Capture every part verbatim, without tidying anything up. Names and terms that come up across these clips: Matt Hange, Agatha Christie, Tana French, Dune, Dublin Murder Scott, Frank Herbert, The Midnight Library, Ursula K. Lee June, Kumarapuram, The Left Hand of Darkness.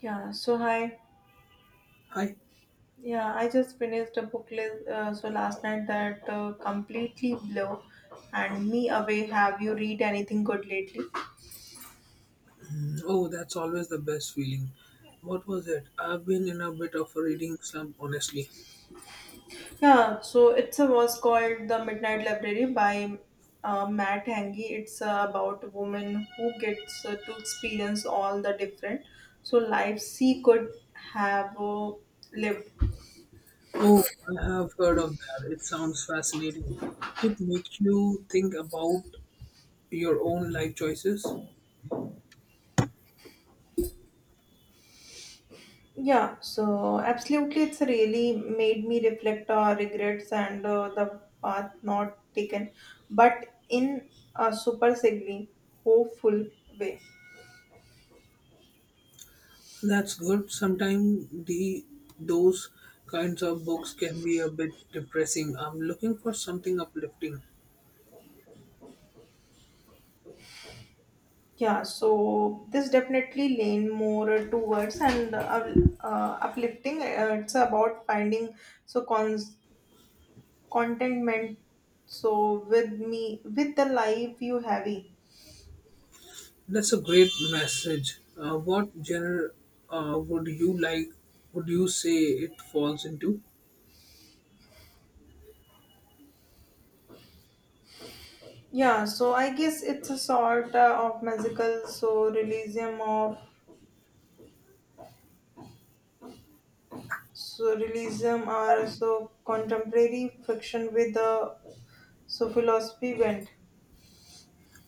Yeah, so hi. Hi. Yeah, I just finished a book list uh, so last night that uh, completely blew and me away. Have you read anything good lately? Oh, that's always the best feeling. What was it? I've been in a bit of a reading slump, honestly. Yeah, so it's a was called The Midnight Library by uh, Matt Hange. It's uh, about a woman who gets uh, to experience all the different so lives she could have uh, lived. Oh, I have heard of that. It sounds fascinating. Did it make you think about your own life choices? Yeah, so absolutely, it's really made me reflect our regrets and uh, the path not taken, but in a super sigly, hopeful way. That's good. Sometimes the those kinds of books can be a bit depressing. I'm looking for something uplifting. Yeah, so this definitely lean more towards and uh, uh, uplifting. Uh, it's about finding so cons- contentment. So with me, with the life you heavy. That's a great message. Uh, what genre uh, would you like? Would you say it falls into? Yeah, so I guess it's a sort uh, of magical so realism of Surrealism are so contemporary fiction with a so philosophy bent.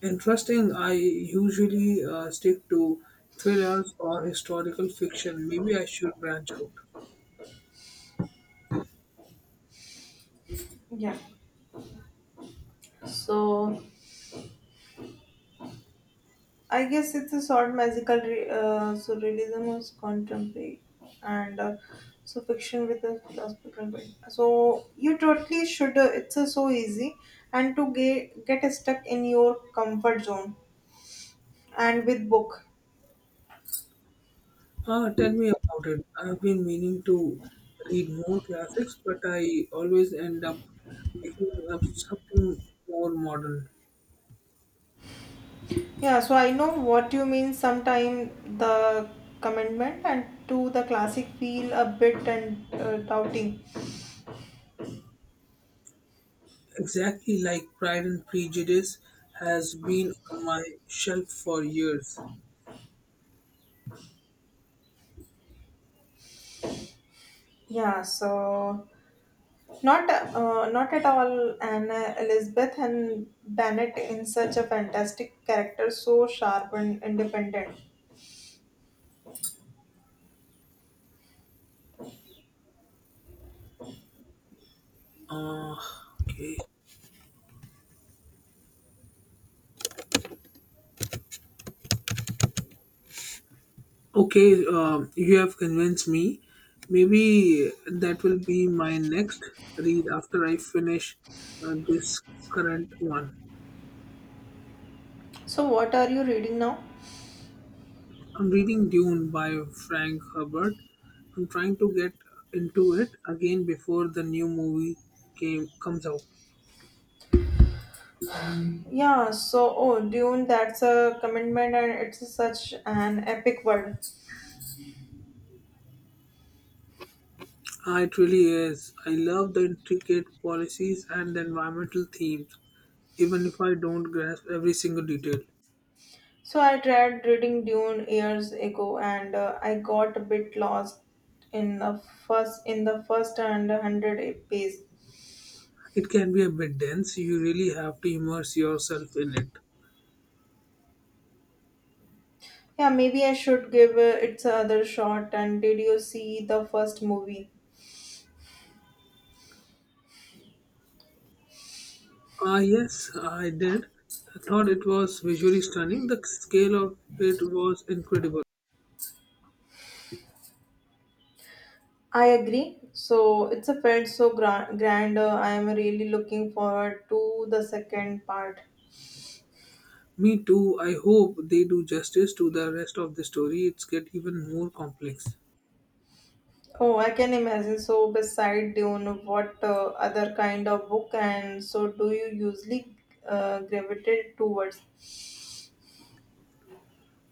Interesting. I usually uh, stick to thrillers or historical fiction. Maybe I should branch out. Yeah. So I guess it's a sort of magical re- uh, surrealism is contemporary and uh, so fiction with a philosophical bent. So you totally should. Uh, it's uh, so easy and to get get stuck in your comfort zone and with book. Ah, tell me about it. I've been meaning to read more classics, but I always end up picking up something more modern. Yeah, so I know what you mean. Sometime the commitment and to the classic feel a bit and uh, doubting. Exactly, like Pride and Prejudice has been on my shelf for years. Yeah, so not uh, not at all. And uh, Elizabeth and Bennett in such a fantastic character, so sharp and independent. Ah, okay. Okay, um, you have convinced me. Maybe that will be my next read after I finish uh, this current one. So what are you reading now? I'm reading Dune by Frank Herbert. I'm trying to get into it again before the new movie came comes out. Yeah, so oh, Dune. That's a commitment, and it's such an epic world. Ah, it really is. I love the intricate policies and the environmental themes, even if I don't grasp every single detail. So I tried reading Dune years ago, and uh, I got a bit lost in the first in the first and hundred pages. It can be a bit dense. You really have to immerse yourself in it. Yeah, maybe I should give uh, it another shot. And did you see the first movie? Ah, yes, I did. I thought it was visually stunning. The scale of it was incredible. I agree. So it's a felt so grand. grand uh, I am really looking forward to the second part. Me too. I hope they do justice to the rest of the story. It's get even more complex. Oh, I can imagine. So beside Dune, what uh, other kind of book and so do you usually uh, gravitate towards?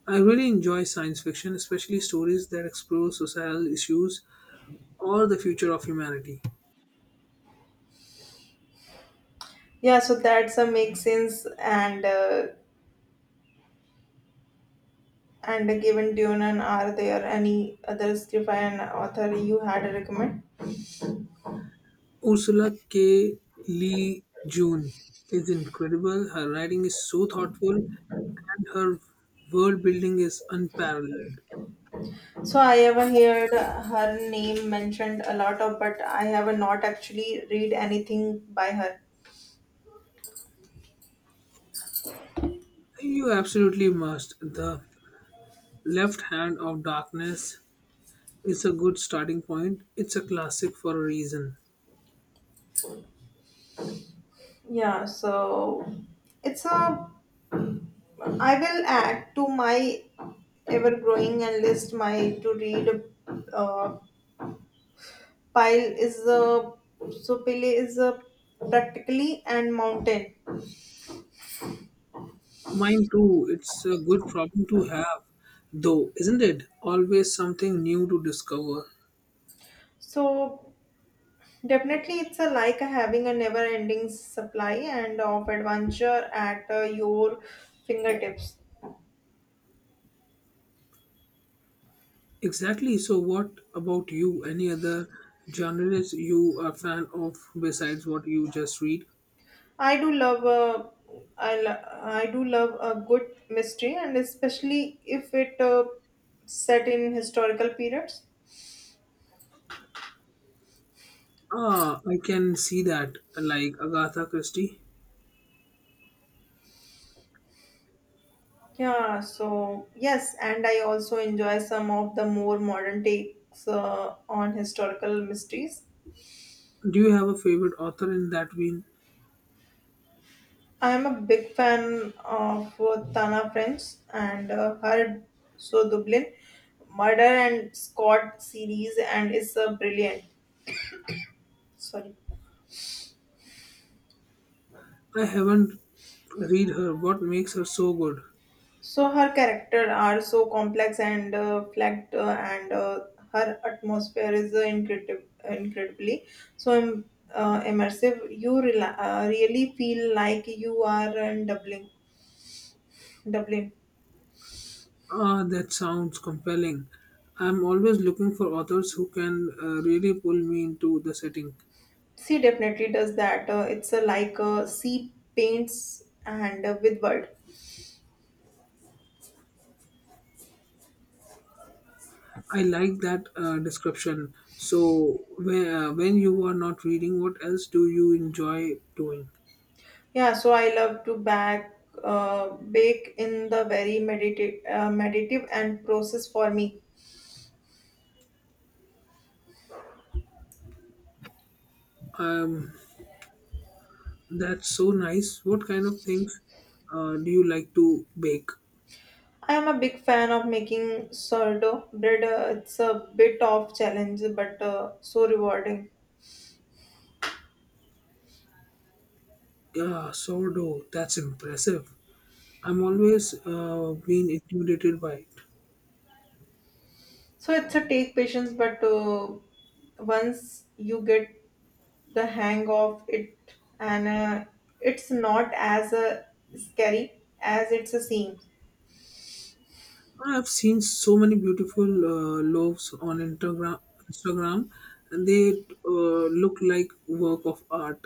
I really enjoy science fiction, especially stories that explore societal issues or the future of humanity. Yeah, so that's a make sense. And uh, and a given tune, and are there any other script and author you had a recommend? Ursula K. Lee June is incredible. Her writing is so thoughtful and her world building is unparalleled. So I ever heard her name mentioned a lot of, but I have not actually read anything by her. You absolutely must. The Left Hand of Darkness is a good starting point. It's a classic for a reason. Yeah, so it's a. I will add to my ever growing and list my to read uh, pile is a so pile is a practically and mountain. Mine too, it's a good problem to have, though, isn't it? Always something new to discover. So Definitely, it's a like having a never-ending supply and of adventure at uh, your fingertips. Exactly, so what about you? Any other genres you are fan of besides what you just read? I do love uh, I, lo- I do love a good mystery, and especially if it uh, set in historical periods. Ah, I can see that, like Agatha Christie. Yeah, so yes, and I also enjoy some of the more modern takes uh, on historical mysteries. Do you have a favorite author in that vein? I'm a big fan of uh, Tana French and uh, her So Dublin Murder and Scott series, and is uh, brilliant. Sorry. I haven't read her. What makes her so good? So her characters are so complex and uh, flagged, uh, and uh, her atmosphere is uh, incredible, incredibly so im- uh, immersive. You rela- uh, really feel like you are in Dublin. Dublin. Ah, that sounds compelling. I'm always looking for authors who can uh, really pull me into the setting. She definitely does that. Uh, it's uh, like uh, sea paints and uh, with world. I like that uh, description. So, where when you are not reading, what else do you enjoy doing? Yeah, so I love to bake, uh, bake in the very medita- uh, meditative and process for me. Um, that's so nice. What kind of things uh, do you like to bake? I am a big fan of making sourdough bread. Uh, it's a bit of challenge, but uh, so rewarding. Yeah, sourdough. That's impressive. I'm always uh, been intimidated by it. So it's a take patience, but uh, once you get the hang of it, and uh, it's not as uh, scary as it's a scene. I've seen so many beautiful uh, loaves on Instagram. Instagram, and they uh, look like work of art.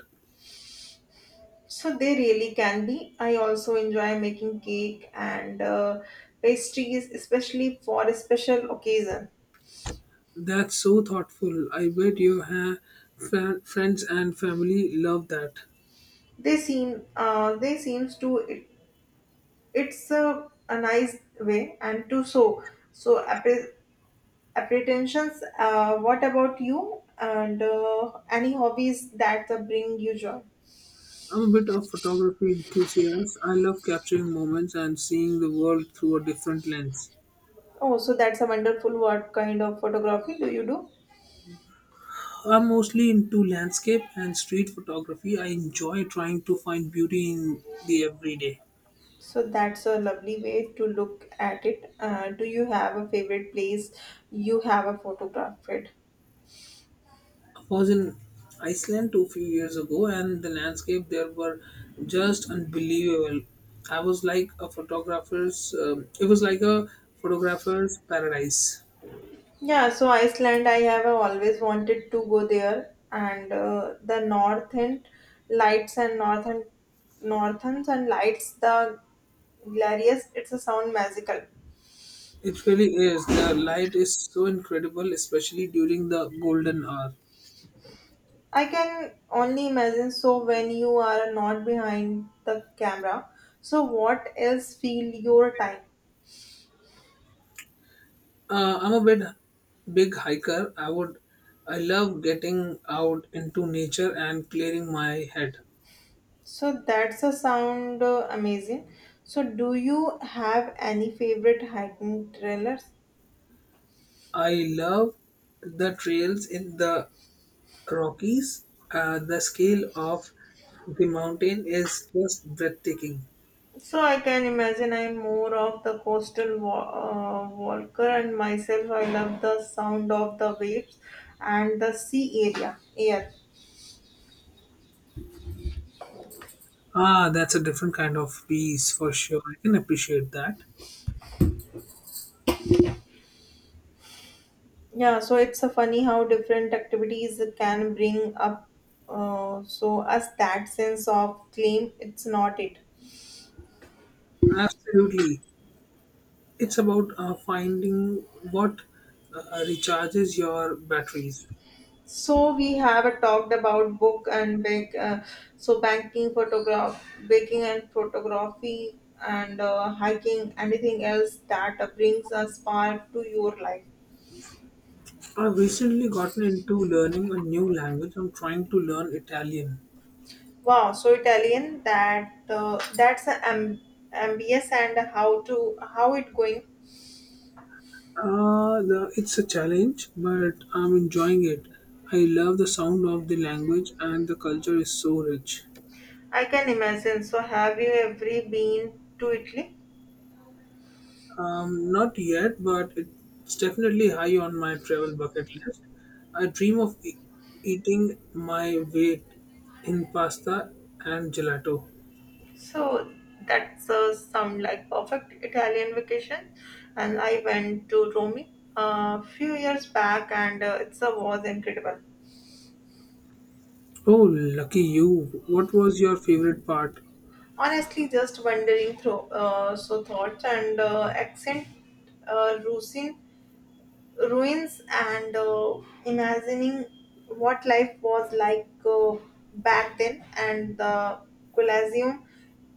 So they really can be. I also enjoy making cake and uh, pastries, especially for a special occasion. That's so thoughtful. I bet your ha- fa- friends and family love that. They seem uh, they seems to it, it's a, a nice way and to so so appre- apprehensions. Uh, what about you? And uh, any hobbies that uh, bring you joy? I'm a bit of photography enthusiast. I love capturing moments and seeing the world through a different lens. Oh, so that's a wonderful. What kind of photography do you do? I'm mostly into landscape and street photography. I enjoy trying to find beauty in the everyday. So that's a lovely way to look at it. Uh, do you have a favorite place you have a photographed? Was in Iceland two few years ago, and the landscape there were just unbelievable. I was like a photographer's. Um, it was like a photographer's paradise. Yeah, so Iceland, I have always wanted to go there, and uh, the northern lights and northern northerns and lights, the glorious. It's a sound magical. It really is. The light is so incredible, especially during the golden hour. I can only imagine. So when you are not behind the camera, so what else feel your time? Uh, I'm a bit big hiker. I would. I love getting out into nature and clearing my head. So that's a sound uh, amazing. So do you have any favorite hiking trailers? I love the trails in the Rockies, uh, the scale of the mountain is just breathtaking. So I can imagine I'm more of the coastal wa- uh, walker, and myself, I love the sound of the waves and the sea area air. Ah, that's a different kind of peace for sure. I can appreciate that. Yeah, so it's a funny how different activities can bring up uh, so us that sense of claim. It's not it. Absolutely. It's about uh, finding what uh, recharges your batteries. So we have talked about book and bake, uh, so banking, photograph, baking and photography, and uh, hiking. Anything else that uh, brings a spark to your life? I've recently gotten into learning a new language. I'm trying to learn Italian. Wow, so Italian that uh, that's an amb- ambience and how to how it going? Uh, the, it's a challenge, but I'm enjoying it. I love the sound of the language, and the culture is so rich. I can imagine. So have you ever been to Italy? Um, not yet, but it's definitely high on my travel bucket list. I dream of e- eating my weight in pasta and gelato. So that serves some like perfect Italian vacation. And I went to Rome a few years back, and uh, it uh, was incredible. Oh, lucky you. What was your favorite part? Honestly, just wandering through uh, so thoughts and uh, accent uh, rusin, ruins and uh, imagining what life was like uh, back then and the Colosseum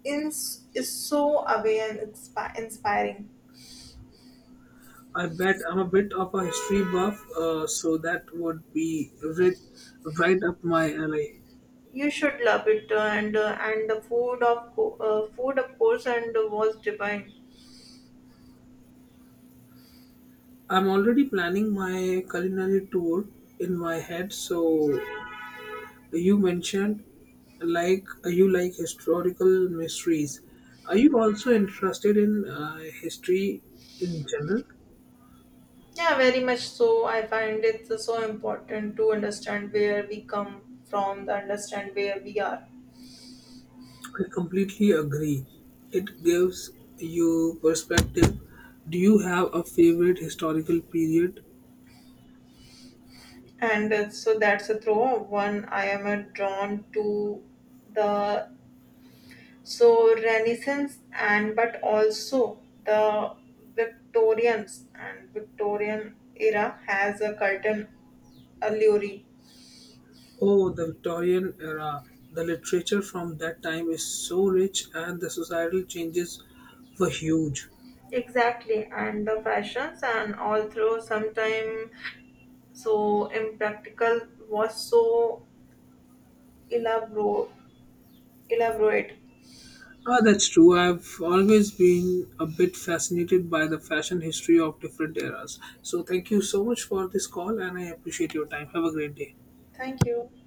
is, is so away and inspi- inspiring. I bet. I'm a bit of a history buff, uh, so that would be ri- right up my alley. You should love it uh, and uh, and the food of co- uh, food of course and uh, was divine. I'm already planning my culinary tour in my head. So you mentioned like uh, you like historical mysteries. Are you also interested in uh, history in general? Yeah, very much so. I find it so important to understand where we come from to understand where we are I completely agree. It gives you perspective. Do you have a favorite historical period? and uh, so that's a throw one. I am uh, drawn to the so renaissance and but also the victorians and victorian era has a curtain allure. Oh, the Victorian era. The literature from that time is so rich and the societal changes were huge. Exactly, and the fashions and all through sometime so impractical was so elaborate. Elaborate. Ah, that's true. I've always been a bit fascinated by the fashion history of different eras. So, thank you so much for this call, and I appreciate your time. Have a great day. Thank you.